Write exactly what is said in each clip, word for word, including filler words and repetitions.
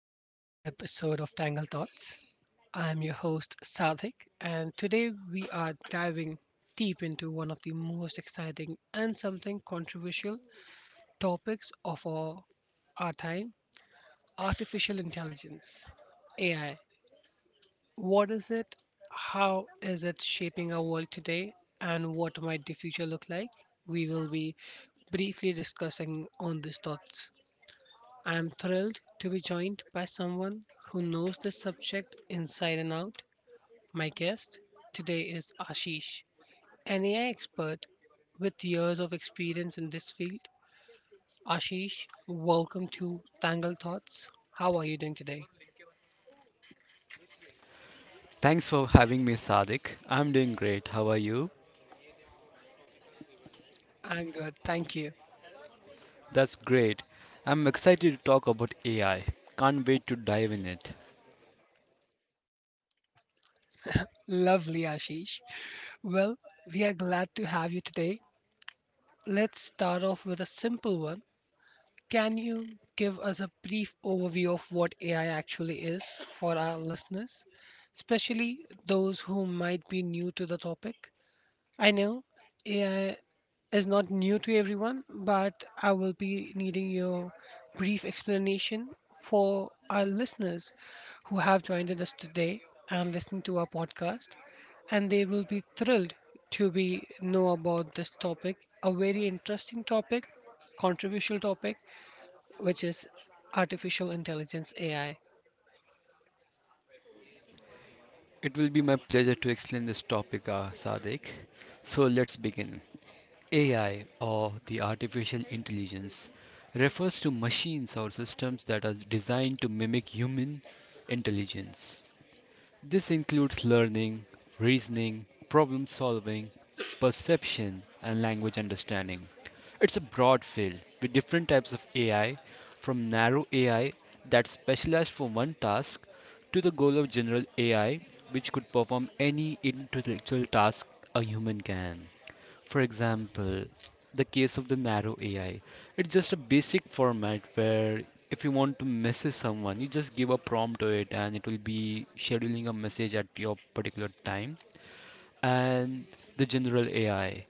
to another episode of Tangle Thoughts. I am your host Sadik, and today we are diving deep into one of the most exciting and something controversial topics of our, our time artificial intelligence. A I. What is it? How is it shaping our world today? And what might the future look like? We will be briefly discussing on these thoughts. I am thrilled to be joined by someone who knows this subject inside and out. My guest today is Ashish, an A I expert with years of experience in this field. Ashish, welcome to Tangled Thoughts. How are you doing today? Thanks for having me, Sadik. I'm doing great. How are you? I'm good, thank you. That's great. I'm excited to talk about A I. Can't wait to dive in it. Lovely, Ashish. Well, we are glad to have you today. Let's start off with a simple one. Can you give us a brief overview of what A I actually is for our listeners, especially those who might be new to the topic? I know A I is not new to everyone, but I will be needing your brief explanation for our listeners who have joined us today and listened to our podcast, and they will be thrilled to be know about this topic, a very interesting topic, controversial topic, which is artificial intelligence A I. It will be my pleasure to explain this topic, uh, Sadik. So let's begin. A I, or the artificial intelligence, refers to machines or systems that are designed to mimic human intelligence. This includes learning, reasoning, problem solving, perception, and language understanding. It's a broad field with different types of A I, from narrow A I that specialized for one task to the goal of general A I, which could perform any intellectual task a human can. For example, the case of the narrow A I, it's just a basic format where if you want to message someone, you just give a prompt to it and it will be scheduling a message at your particular time. And the general A I,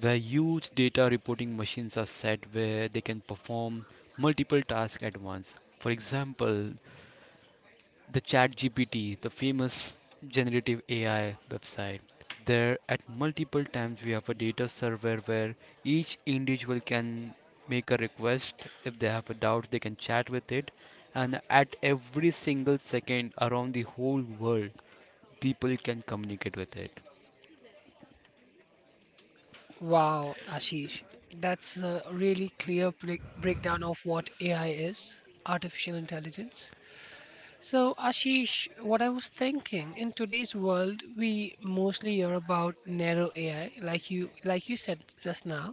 where huge data reporting machines are set where they can perform multiple tasks at once. For example, the ChatGPT, the famous generative A I website. There, at multiple times, we have a data server where each individual can make a request. If they have a doubt, they can chat with it. And at every single second around the whole world, people can communicate with it. Wow, Ashish, that's a really clear break- breakdown of what A I is, artificial intelligence. So, Ashish, what I was thinking in today's world, we mostly hear about narrow A I, like you like you said just now,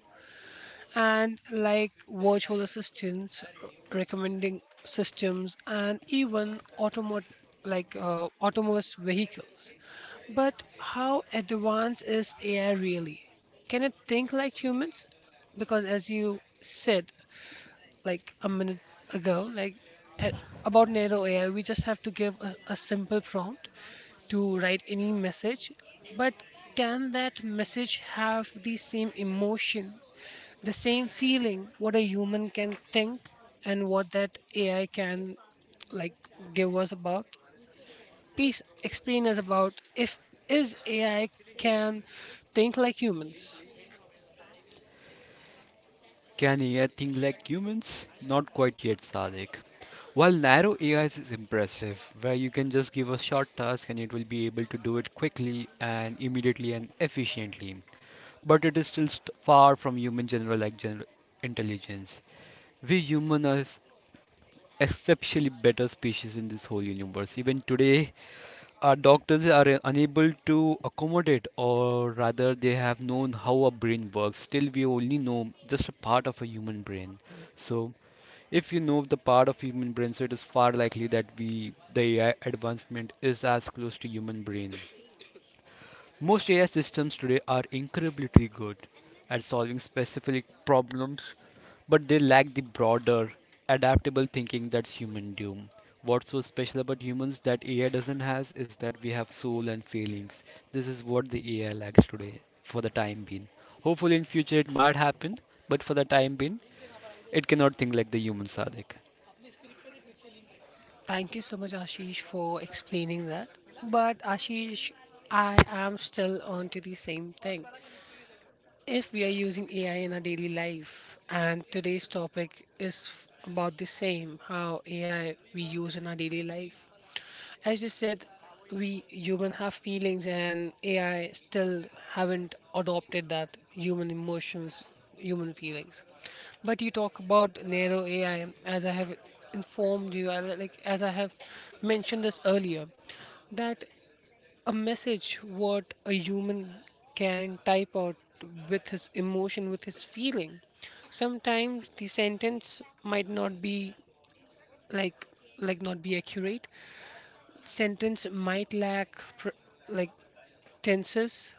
and like virtual assistants, recommending systems, and even automat like uh, autonomous vehicles. But how advanced is A I really? Can it think like humans? Because as you said like a minute ago, like a- about narrow A I, we just have to give a, a simple prompt to write any message. But can that message have the same emotion, the same feeling what a human can think and what that A I can like give us about? Please explain us about if is A I can think like humans. Can A I think like humans? Not quite yet, Sadik. While narrow A I is is impressive, where you can just give a short task and it will be able to do it quickly and immediately and efficiently, but it is still st- far from human general like general intelligence. We humans are exceptionally better species in this whole universe. Even today, our doctors are unable to accommodate, or rather, they have known how a brain works. Still, we only know just a part of a human brain. So, if you know the part of human brain, so it is far likely that we the A I advancement is as close to human brain. Most A I systems today are incredibly good at solving specific problems, but they lack the broader, adaptable thinking that's human do. What's so special about humans that A I doesn't has is that we have soul and feelings. This is what the A I lacks today for the time being. Hopefully in future it might happen, but for the time being, it cannot think like the humans, Sadik. Thank you so much, Ashish, for explaining that. But Ashish, I am still on to the same thing. If we are using A I in our daily life, and today's topic is f- about the same, how A I we use in our daily life. As you said, we human have feelings and A I still haven't adopted that human emotions, human feelings. But you talk about narrow A I as I have informed you, I like as I have mentioned this earlier, that a message what a human can type out with his emotion, with his feeling. Sometimes the sentence might not be like like not be accurate, sentence might lack pr- like tenses,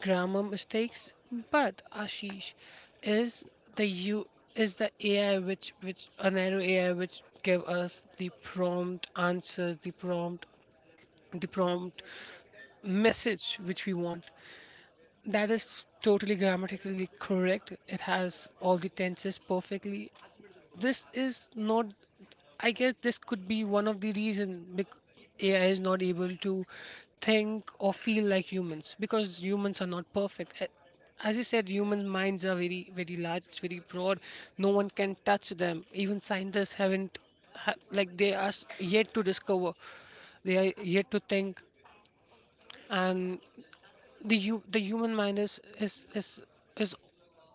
grammar mistakes, but Ashish is the you is the A I which which a narrow A I which give us the prompt answers, the prompt the prompt message which we want. That is totally grammatically correct. It has all the tenses perfectly. This is not, I guess this could be one of the reason, bec- AI is not able to think or feel like humans because humans are not perfect. A- as you said, human minds are very very large, it's very broad. No one can touch them, even scientists haven't ha- like they are s- yet to discover, they are yet to think. And the hu- the human mind is is is is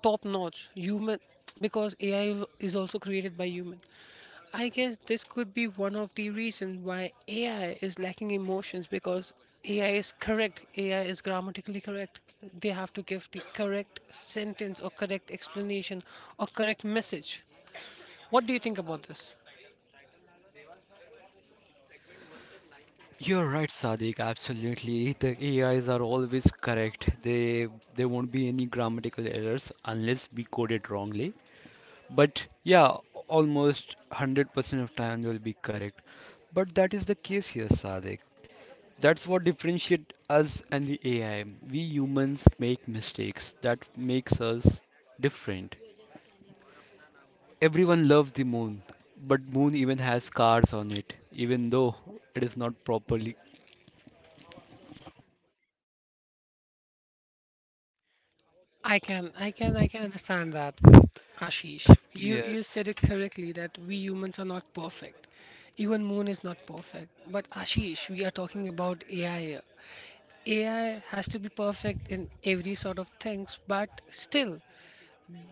top notch human because A I is also created by human. I guess this could be one of the reasons why A I is lacking emotions because A I is correct. A I is grammatically correct. They have to give the correct sentence or correct explanation or correct message. What do you think about this? You're right, Sadiq. Absolutely, the A Is are always correct. They There won't be any grammatical errors unless we code it wrongly. But yeah, almost one hundred percent of time they will be correct. But that is the case here, Sadiq. That's what differentiates us and the A I. We humans make mistakes. That makes us different. Everyone loves the moon, but moon even has scars on it, even though it is not properly. I can, I can, I can understand that, Ashish. You you Yes. said it correctly that we humans are not perfect. Even Moon is not perfect. But Ashish, we are talking about A I here. A I has to be perfect in every sort of things, but still,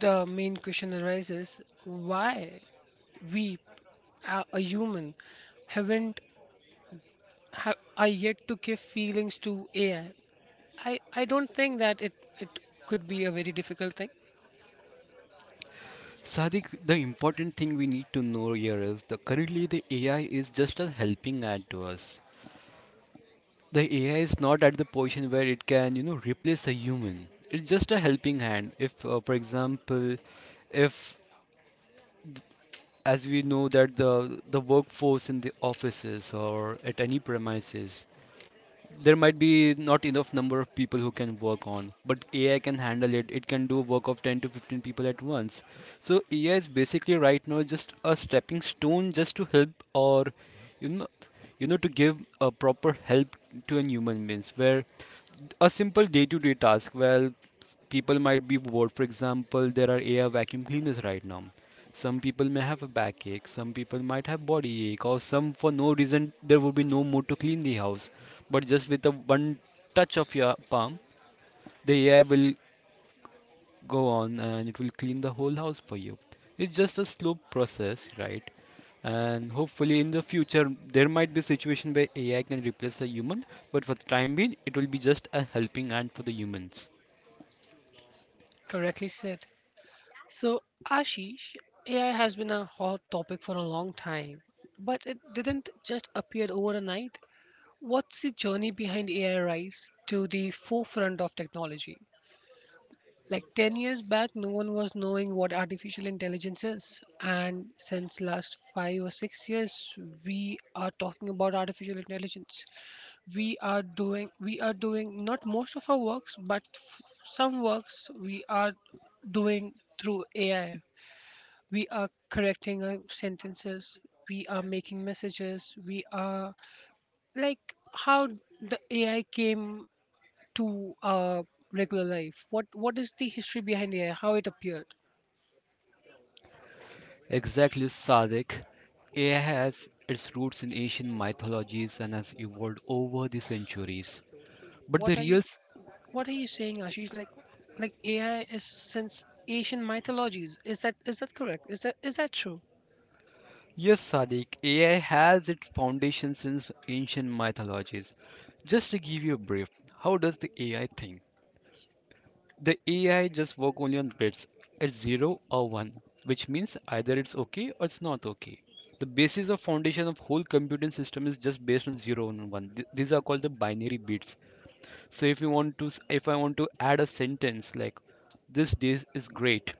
the main question arises: why we, a, a human, haven't, ha, are yet to give feelings to A I? I I I don't think that it it could be a very difficult thing. Sadiq, the important thing we need to know here is that currently the A I is just a helping hand to us. The A I is not at the position where it can, you know, replace a human. It's just a helping hand. If, uh, For example, if as we know that the the workforce in the offices or at any premises, there might be not enough number of people who can work on, but AI can handle it. It can do work of ten to fifteen people at once. So AI is basically right now just a stepping stone just to help or you know you know to give a proper help to an human, means where a simple day-to-day task, well, people might be bored. For example, there are AI vacuum cleaners right now. Some people may have a backache, some people might have body ache, or some for no reason there would be no mood to clean the house. But just with a one touch of your palm, the A I will go on and it will clean the whole house for you. It's just a slow process, right? And hopefully in the future there might be a situation where A I can replace a human, but for the time being it will be just a helping hand for the humans. Correctly said. So, Ashish, A I has been a hot topic for a long time, but it didn't just appear overnight. What's the journey behind A I rise to the forefront of technology? Like ten years back, no one was knowing what artificial intelligence is, and since last five or six years, we are talking about artificial intelligence. We are doing we are doing not most of our works, but f- some works we are doing through A I. We are correcting our sentences, we are making messages, we are like how the AI came to our regular life, what what is the history behind AI, how it appeared? Exactly, Sadiq. A I has its roots in ancient mythologies and has evolved over the centuries. But what the are real you s- what are you saying, Ashish, like like AI is since ancient mythologies? Is that is that correct? Is that is that true? yes, Sadiq, A I has its foundation since ancient mythologies. Just to give you a brief, how does the A I think? The A I just work only on bits. It's zero or one, which means either it's okay or it's not okay. The basis of foundation of whole computing system is just based on zero and one. Th- These are called the binary bits. So if you want to s- if I want to add a sentence like this dish is great,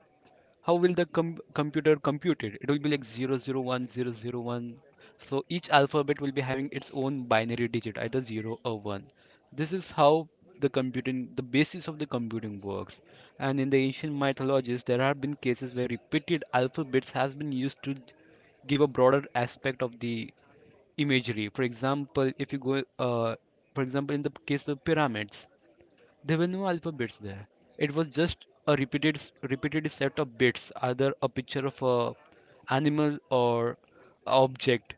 how will the com- computer compute it? It will be like zero zero one zero zero one. So each alphabet will be having its own binary digit, either zero or one. This is how the computing, the basis of the computing works. And in the ancient mythologies, there have been cases where repeated alphabets has been used to give a broader aspect of the imagery. For example, if you go, uh, for example, in the case of pyramids, there were no alphabets there. It was just a repeated repeated set of bits, either a picture of a animal or a object.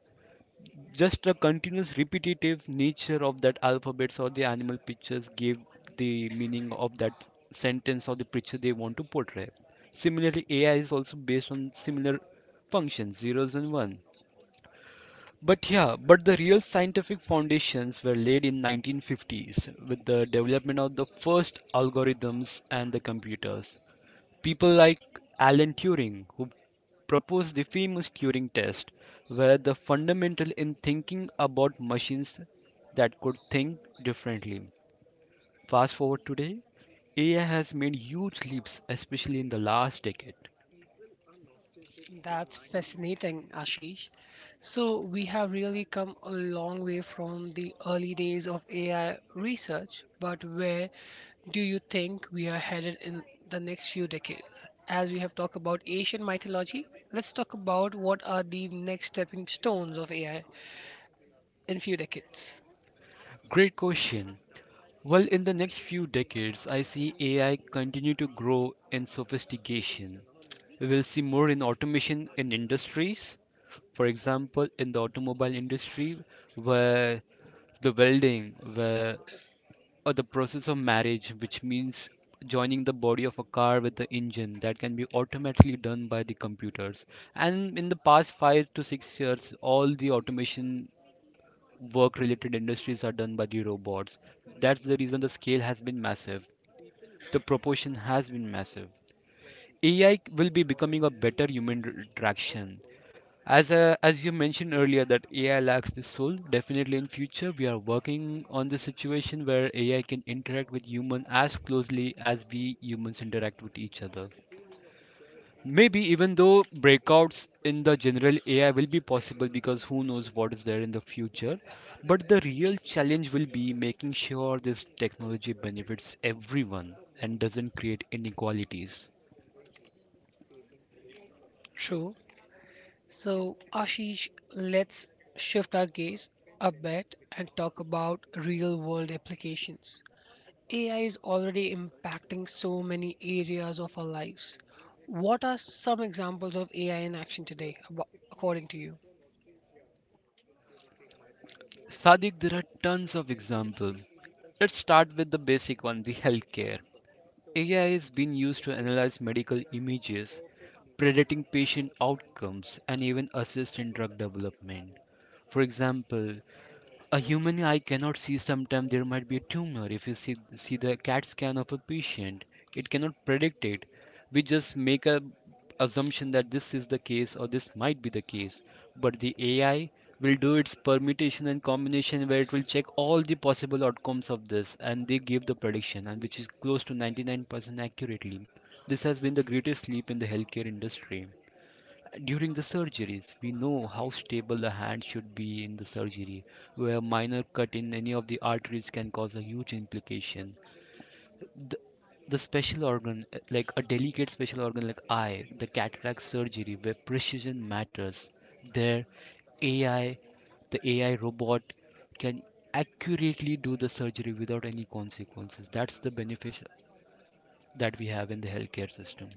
Just the continuous repetitive nature of that alphabets or the animal pictures gave the meaning of that sentence or the picture they want to portray. Similarly, A I is also based on similar functions, zeros and ones. But yeah, but the real scientific foundations were laid in nineteen fifties with the development of the first algorithms and the computers. People like Alan Turing, who proposed the famous Turing test, were the fundamental in thinking about machines that could think differently. Fast forward today, A I has made huge leaps, especially in the last decade. That's fascinating, Ashish. So, we have really come a long way from the early days of A I research, but where do you think we are headed in the next few decades? As we have talked about Asian mythology, let's talk about what are the next stepping stones of A I in few decades. Great question. Well, in the next few decades, I see A I continue to grow in sophistication. We will see more in automation in industries. For example, in the automobile industry, where the welding, where or the process of marriage, which means joining the body of a car with the engine, that can be automatically done by the computers. And in the past five to six years, all the automation work related industries are done by the robots. That's the reason the scale has been massive. The proportion has been massive. A I will be becoming a better human interaction. As a, as you mentioned earlier that A I lacks the soul, definitely in future we are working on the situation where A I can interact with human as closely as we humans interact with each other. Maybe even though breakouts in the general A I will be possible because who knows what is there in the future, but the real challenge will be making sure this technology benefits everyone and doesn't create inequalities. True. So, Ashish, let's shift our gaze a bit and talk about real world applications. A I is already impacting so many areas of our lives. What are some examples of A I in action today, abo- according to you? Sadiq, there are tons of examples. Let's start with the basic one, the healthcare. A I is being used to analyze medical images, predicting patient outcomes, and even assist in drug development. For example, a human eye cannot see sometimes there might be a tumor. If you see see the cat scan of a patient, it cannot predict it. We just make a assumption that this is the case or this might be the case. But the AI will do its permutation and combination where it will check all the possible outcomes of this and they give the prediction and which is close to ninety-nine percent accurately. This has been the greatest leap in the healthcare industry. During the surgeries, we know how stable the hand should be in the surgery, where a minor cut in any of the arteries can cause a huge implication. The, the special organ, uh, like a delicate special organ like eye, the cataract surgery, where precision matters, there A I, the A I robot can accurately do the surgery without any consequences. That's the benefit that we have in the healthcare system.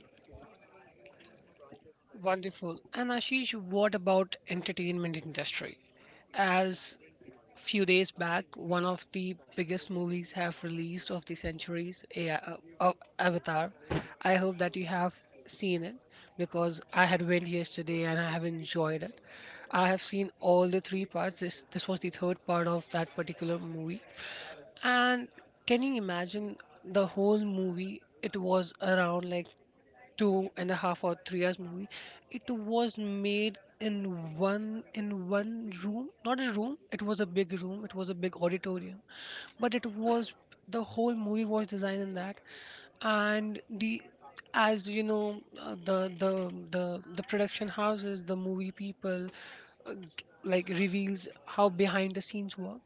Wonderful. And Ashish, what about entertainment industry? As few days back, one of the biggest movies have released of the centuries, A- uh, uh, Avatar. I hope that you have seen it because I had went yesterday and I have enjoyed it. I have seen all the three parts. This this was the third part of that particular movie, and can you imagine the whole movie? It was around like two and a half or three hours movie. It was made in one in one room, not a room. It was a big room. It was a big auditorium, but it was the whole movie was designed in that, and the as you know, uh, the the the the production houses, the movie people, uh, g- like reveals how behind the scenes work.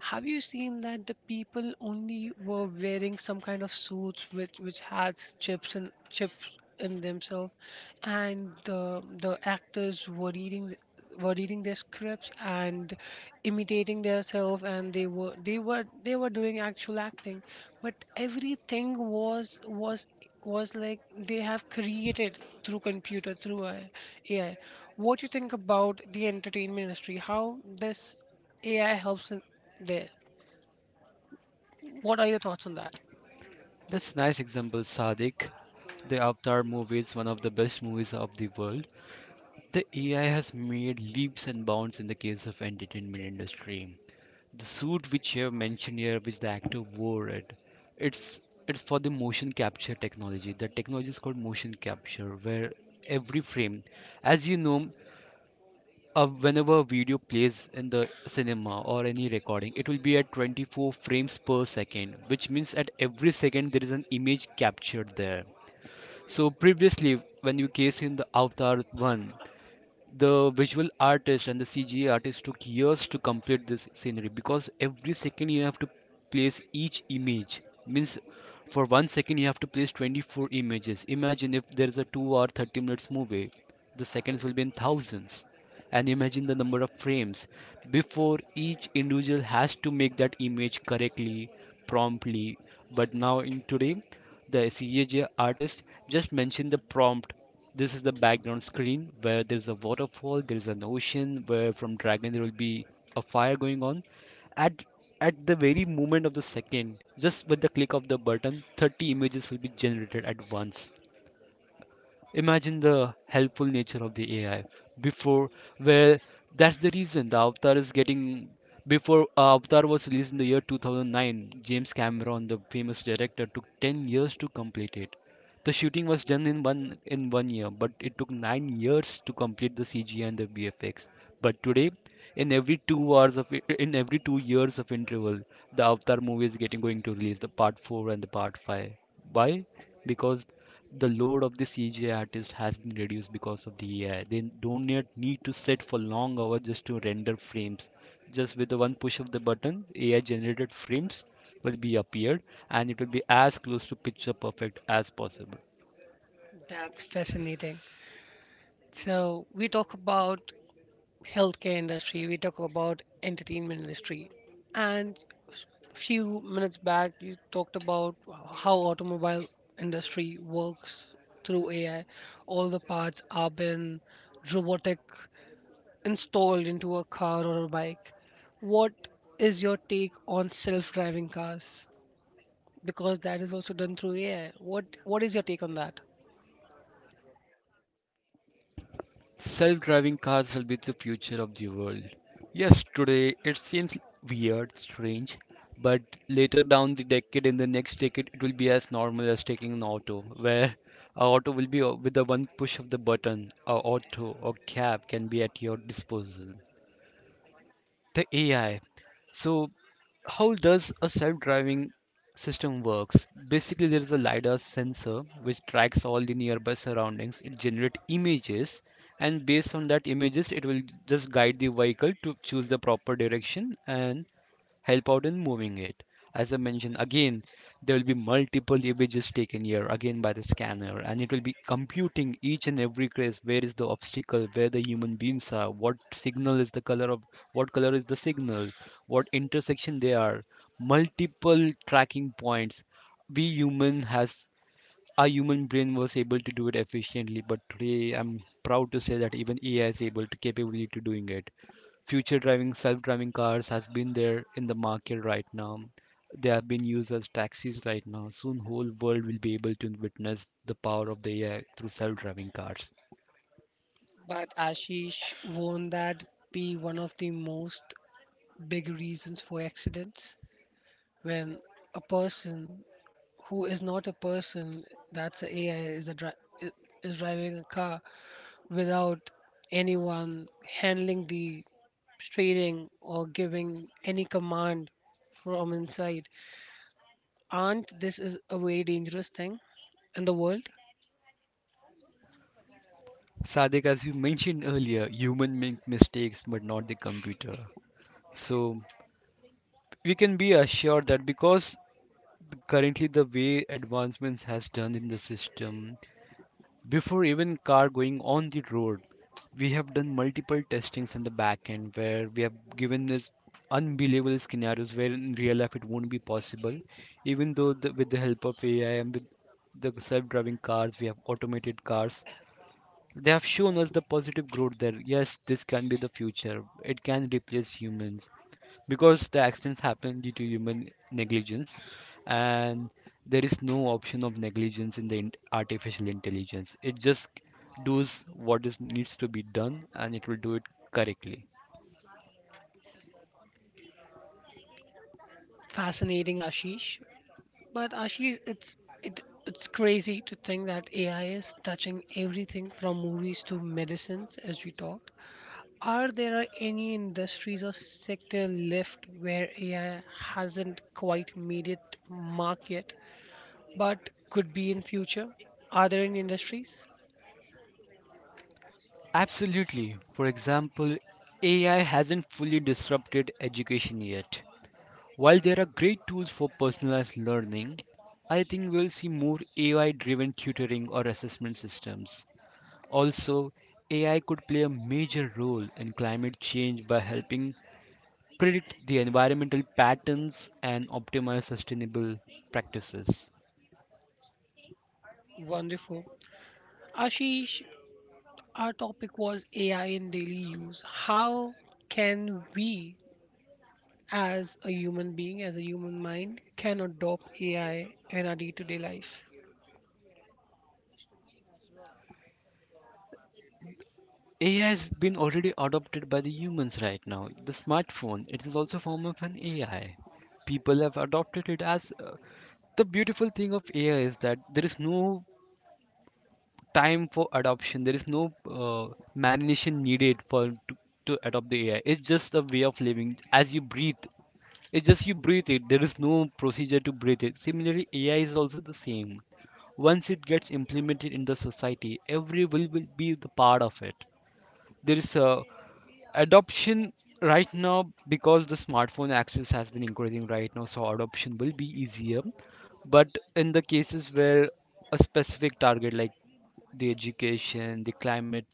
Have you seen that the people only were wearing some kind of suits which which had chips and chips in themselves, and the the actors were reading were reading their scripts and imitating themselves, and they were they were they were doing actual acting, but everything was was was like they have created through computer through A I. What do you think about the entertainment industry? How this A I helps in there? What are your thoughts on that? That's a nice example, Sadik. The Avatar movie is one of the best movies of the world. The A I has made leaps and bounds in the case of entertainment industry. The suit which you have mentioned here, which the actor wore it, it's it's for the motion capture technology. The technology is called motion capture, where every frame, as you know, uh, whenever video plays in the cinema or any recording, it will be at twenty-four frames per second, which means at every second there is an image captured there. So previously when you case in the Avatar one, the visual artist and the CGI artist took years to complete this scenery, because every second you have to place each image. Means for one second you have to place twenty-four images. Imagine if there is a two or thirty minutes movie, the seconds will be in thousands, and imagine the number of frames before. Each individual has to make that image correctly, promptly. But now in today, the CGI artist just mentioned the prompt: this is the background screen where there's a waterfall, there's an ocean, where from dragon there will be a fire going on at at the very moment of the second. Just with the click of the button, thirty images will be generated at once. Imagine the helpful nature of the A I before, where that's the reason the Avatar is getting. Before uh, Avatar was released in the year two thousand nine, James Cameron, the famous director, took ten years to complete it. The shooting was done in one in one year, but it took nine years to complete the C G I and the V F X. But today, in every two hours of in every two years of interval, the Avatar movie is getting going to release the part four and the part five. Why? Because the load of the C G I artist has been reduced because of the A I. They don't need need to sit for long hours just to render frames. Just with the one push of the button, A I generated frames will be appeared, and it will be as close to picture perfect as possible. That's fascinating. So we talk about healthcare industry, we talk about entertainment industry. And few minutes back you talked about how automobile industry works through A I. All the parts are been robotic installed into a car or a bike. What is your take on self-driving cars? Because that is also done through A I. What what is your take on that? Self driving cars will be the future of the world. Yes, today it seems weird, strange, but later down the decade, in the next decade, it will be as normal as taking an auto, where a auto will be uh, with the one push of the button, a auto or cab can be at your disposal, the A I. So how does a self-driving system works? Basically, there is a lidar sensor which tracks all the nearby surroundings. It generates images, and based on that images, it will just guide the vehicle to choose the proper direction and help out in moving it. As I mentioned, again, there will be multiple images taken here again by the scanner, and it will be computing each and every trace, where is the obstacle, where the human beings are, what signal is the color of what color is the signal, what intersection they are, multiple tracking points. We human has a human brain was able to do it efficiently, but today I'm proud to say that even A I is able to capability to doing it. Future driving, self-driving cars has been there in the market right now. They have been used as taxis right now. Soon, whole world will be able to witness the power of the A I through self-driving cars. But Ashish, won't that be one of the most big reasons for accidents when a person, who is not a person, that's a AI, is a dri- i- is driving a car without anyone handling the steering or giving any command from inside? Aren't this is a very dangerous thing in the world? Sadik, as you mentioned earlier, human make mistakes, but not the computer. So we can be assured that, because currently the way advancements has done in the system. Before even car going on the road, we have done multiple testings in the back end, where we have given this unbelievable scenarios where in real life it won't be possible. Even though the, with the help of A I and with the self-driving cars, we have automated cars, they have shown us the positive growth there. Yes, this can be the future. It can replace humans because the accidents happen due to human negligence, and there is no option of negligence in the in- artificial intelligence. It just does what is needs to be done, and it will do it correctly. Fascinating, Ashish. But Ashish, it's it it's crazy to think that A I is touching everything from movies to medicines as we talk. Are there any industries or sector left where A I hasn't quite made it mark yet, but could be in future? Are there any industries? Absolutely. For example, A I hasn't fully disrupted education yet. While there are great tools for personalized learning, I think we'll see more A I driven tutoring or assessment systems. Also, A I could play a major role in climate change by helping predict the environmental patterns and optimize sustainable practices. Wonderful. Ashish, our topic was A I in daily use. How can we as a human being, as a human mind, can adopt A I in our day-to-day life? A I has been already adopted by the humans right now. The smartphone, it is also a form of an A I. People have adopted it as uh, the beautiful thing of A I is that there is no time for adoption. There is no uh, marination needed for to, to adopt the A I. It's just a way of living. As you breathe, it's just you breathe it. There is no procedure to breathe it. Similarly, A I is also the same. Once it gets implemented in the society, every will will be the part of it. There is a adoption right now, because the smartphone access has been increasing right now, so adoption will be easier. But in the cases where a specific target like the education, the climate,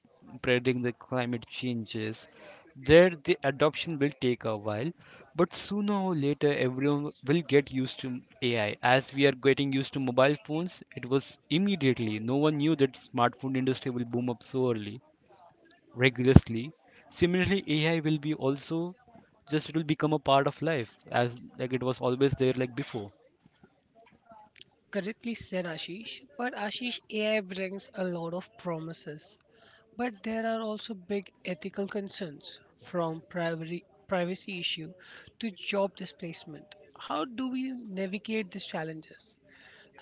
predicting the climate changes, there the adoption will take a while. But sooner or later everyone will get used to AI, as we are getting used to mobile phones. It was immediately, no one knew that smartphone industry will boom up so early, regularly. Similarly, A I will be also just it will become a part of life, as like it was always there like before. Correctly said, Ashish. But Ashish, A I brings a lot of promises. But there are also big ethical concerns, from privacy, privacy issue to job displacement. How do we navigate these challenges?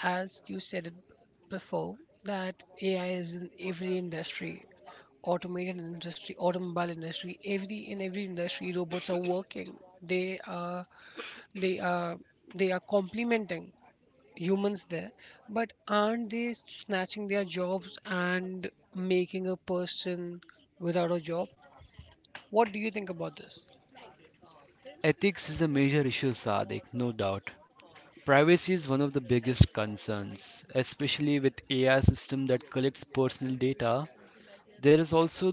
As you said it before, that A I is in every industry, automated industry, automobile industry, every in every industry robots are working. They are they are they are complementing humans there, but aren't they snatching their jobs and making a person without a job? What do you think about this? Ethics is a major issue, Sadik, no doubt. Privacy is one of the biggest concerns, especially with A I system that collects personal data. There is also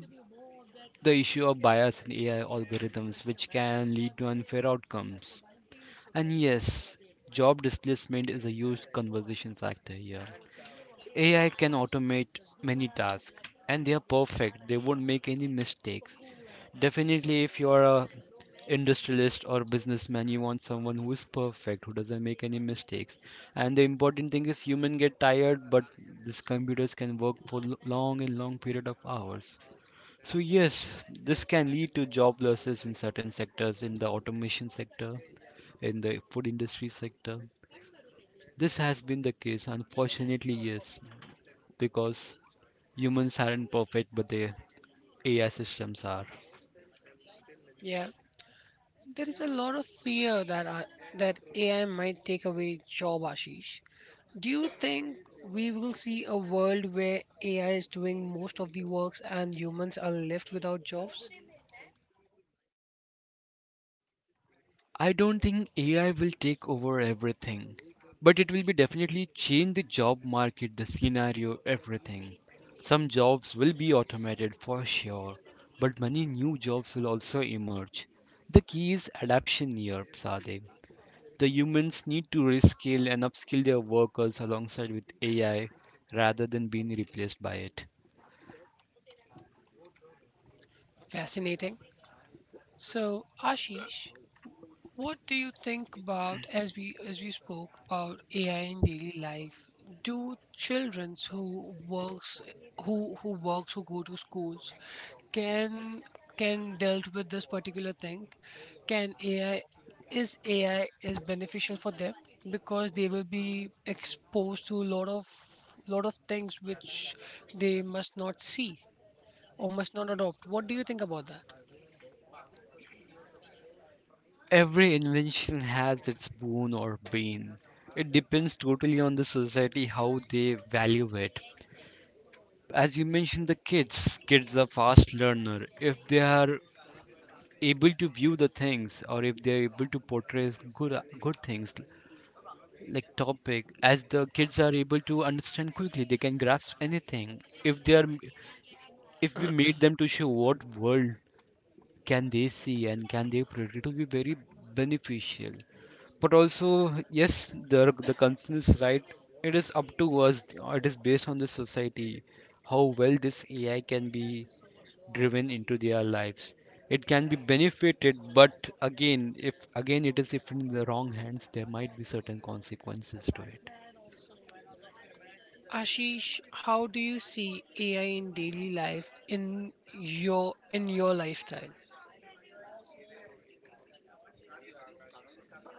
the issue of bias in A I algorithms, which can lead to unfair outcomes. And yes, job displacement is a huge conversation factor here. A I can automate many tasks, and they are perfect. They won't make any mistakes. Definitely, if you are a industrialist or businessman, you want someone who is perfect, who doesn't make any mistakes. And the important thing is human get tired, but these computers can work for l- long and long period of hours. So yes, this can lead to job losses in certain sectors, in the automation sector, in the food industry sector. This has been the case, unfortunately, yes, because humans aren't perfect, but their A I systems are. Yeah, there is a lot of fear that I, that AI might take away job, Ashish. Do you think we will see a world where AI is doing most of the works and humans are left without jobs? I don't think A I will take over everything, but it will be definitely change the job market, the scenario, everything. Some jobs will be automated for sure, but many new jobs will also emerge. The key is adaptation here, Sadev. The humans need to reskill and upskill their workers alongside with A I rather than being replaced by it. Fascinating. So, Ashish, what do you think about, as we as we spoke about A I in daily life? Do children who works, who who works who go to schools, can can dealt with this particular thing? Can A I is A I is beneficial for them because they will be exposed to a lot of lot of things which they must not see or must not adopt. What do you think about that? Every invention has its boon or bane. It depends totally on the society how they value it. As you mentioned, the kids, kids are fast learner. If they are able to view the things, or if they are able to portray good good things like topic, as the kids are able to understand quickly, they can grasp anything. If they are, If we made them to show what world can they see and can they predict, it will be very beneficial. But also, yes, the the concern is right. It is up to us. It is based on the society how well this AI can be driven into their lives. It can be benefited, but again, if again it is if in the wrong hands there might be certain consequences to it. Ashish, how do you see A I in daily life in your in your lifestyle?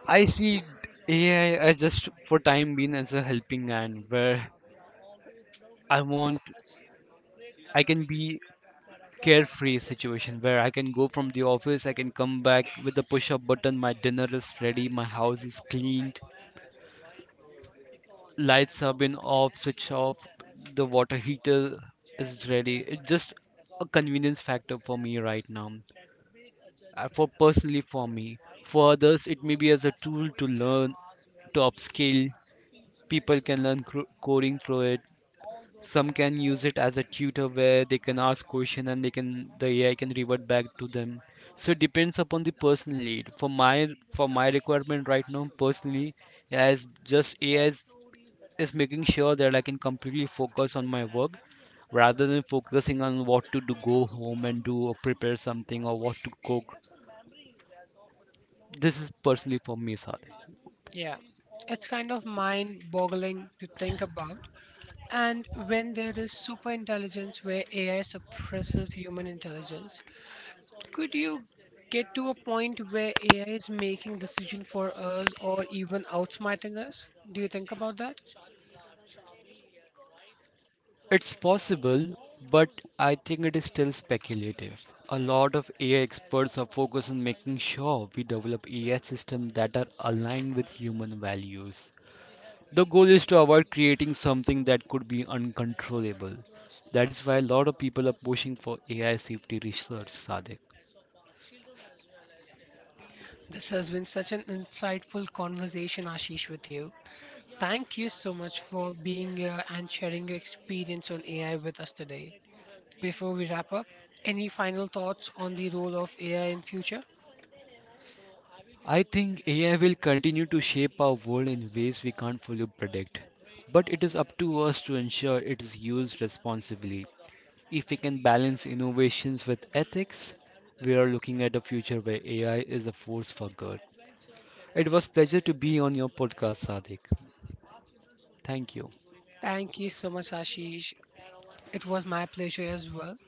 I see A I as just for time being as a helping hand, where I want I can be carefree situation where I can go from the office, I can come back with the push up button, my dinner is ready, my house is cleaned, lights have been off, switch off, the water heater is ready. It's just a convenience factor for me right now. Uh, For personally for me. For others it may be as a tool to learn, to upskill. People can learn cro- coding through it. Some can use it as a tutor where they can ask question, and they can the A I can revert back to them. So it depends upon the personal need. For my for my requirement right now, personally, as just A I is, is making sure that I can completely focus on my work rather than focusing on what to do, go home and do or prepare something or what to cook. This is personally for me, Sade. Yeah, it's kind of mind-boggling to think about. And when there is super intelligence where A I suppresses human intelligence, could you get to a point where A I is making decision for us or even outsmarting us? Do you think about that? It's possible, but I think it is still speculative. A lot of A I experts are focused on making sure we develop A I systems that are aligned with human values. The goal is to avoid creating something that could be uncontrollable. That is why a lot of people are pushing for A I safety research, Sadik. This has been such an insightful conversation, Ashish, with you. Thank you so much for being here and sharing your experience on A I with us today. Before we wrap up, any final thoughts on the role of A I in future? I think A I will continue to shape our world in ways we can't fully predict, but it is up to us to ensure it is used responsibly. If we can balance innovations with ethics, we are looking at a future where A I is a force for good. It was pleasure to be on your podcast, Sadiq. Thank you. Thank you so much, Ashish. It was my pleasure as well.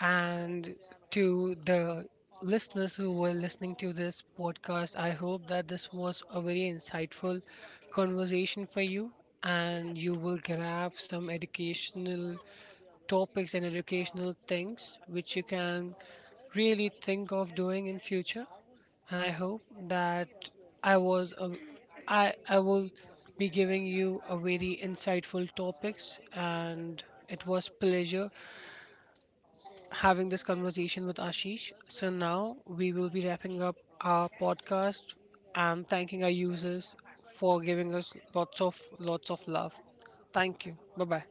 And to the listeners who were listening to this podcast, I hope that this was a very insightful conversation for you and you will grab some educational topics and educational things which you can really think of doing in future. And I hope that i was a, I, I will be giving you a very insightful topics, and it was pleasure having this conversation with Ashish. So now we will be wrapping up our podcast and thanking our users for giving us lots of lots of love. Thank you, bye bye.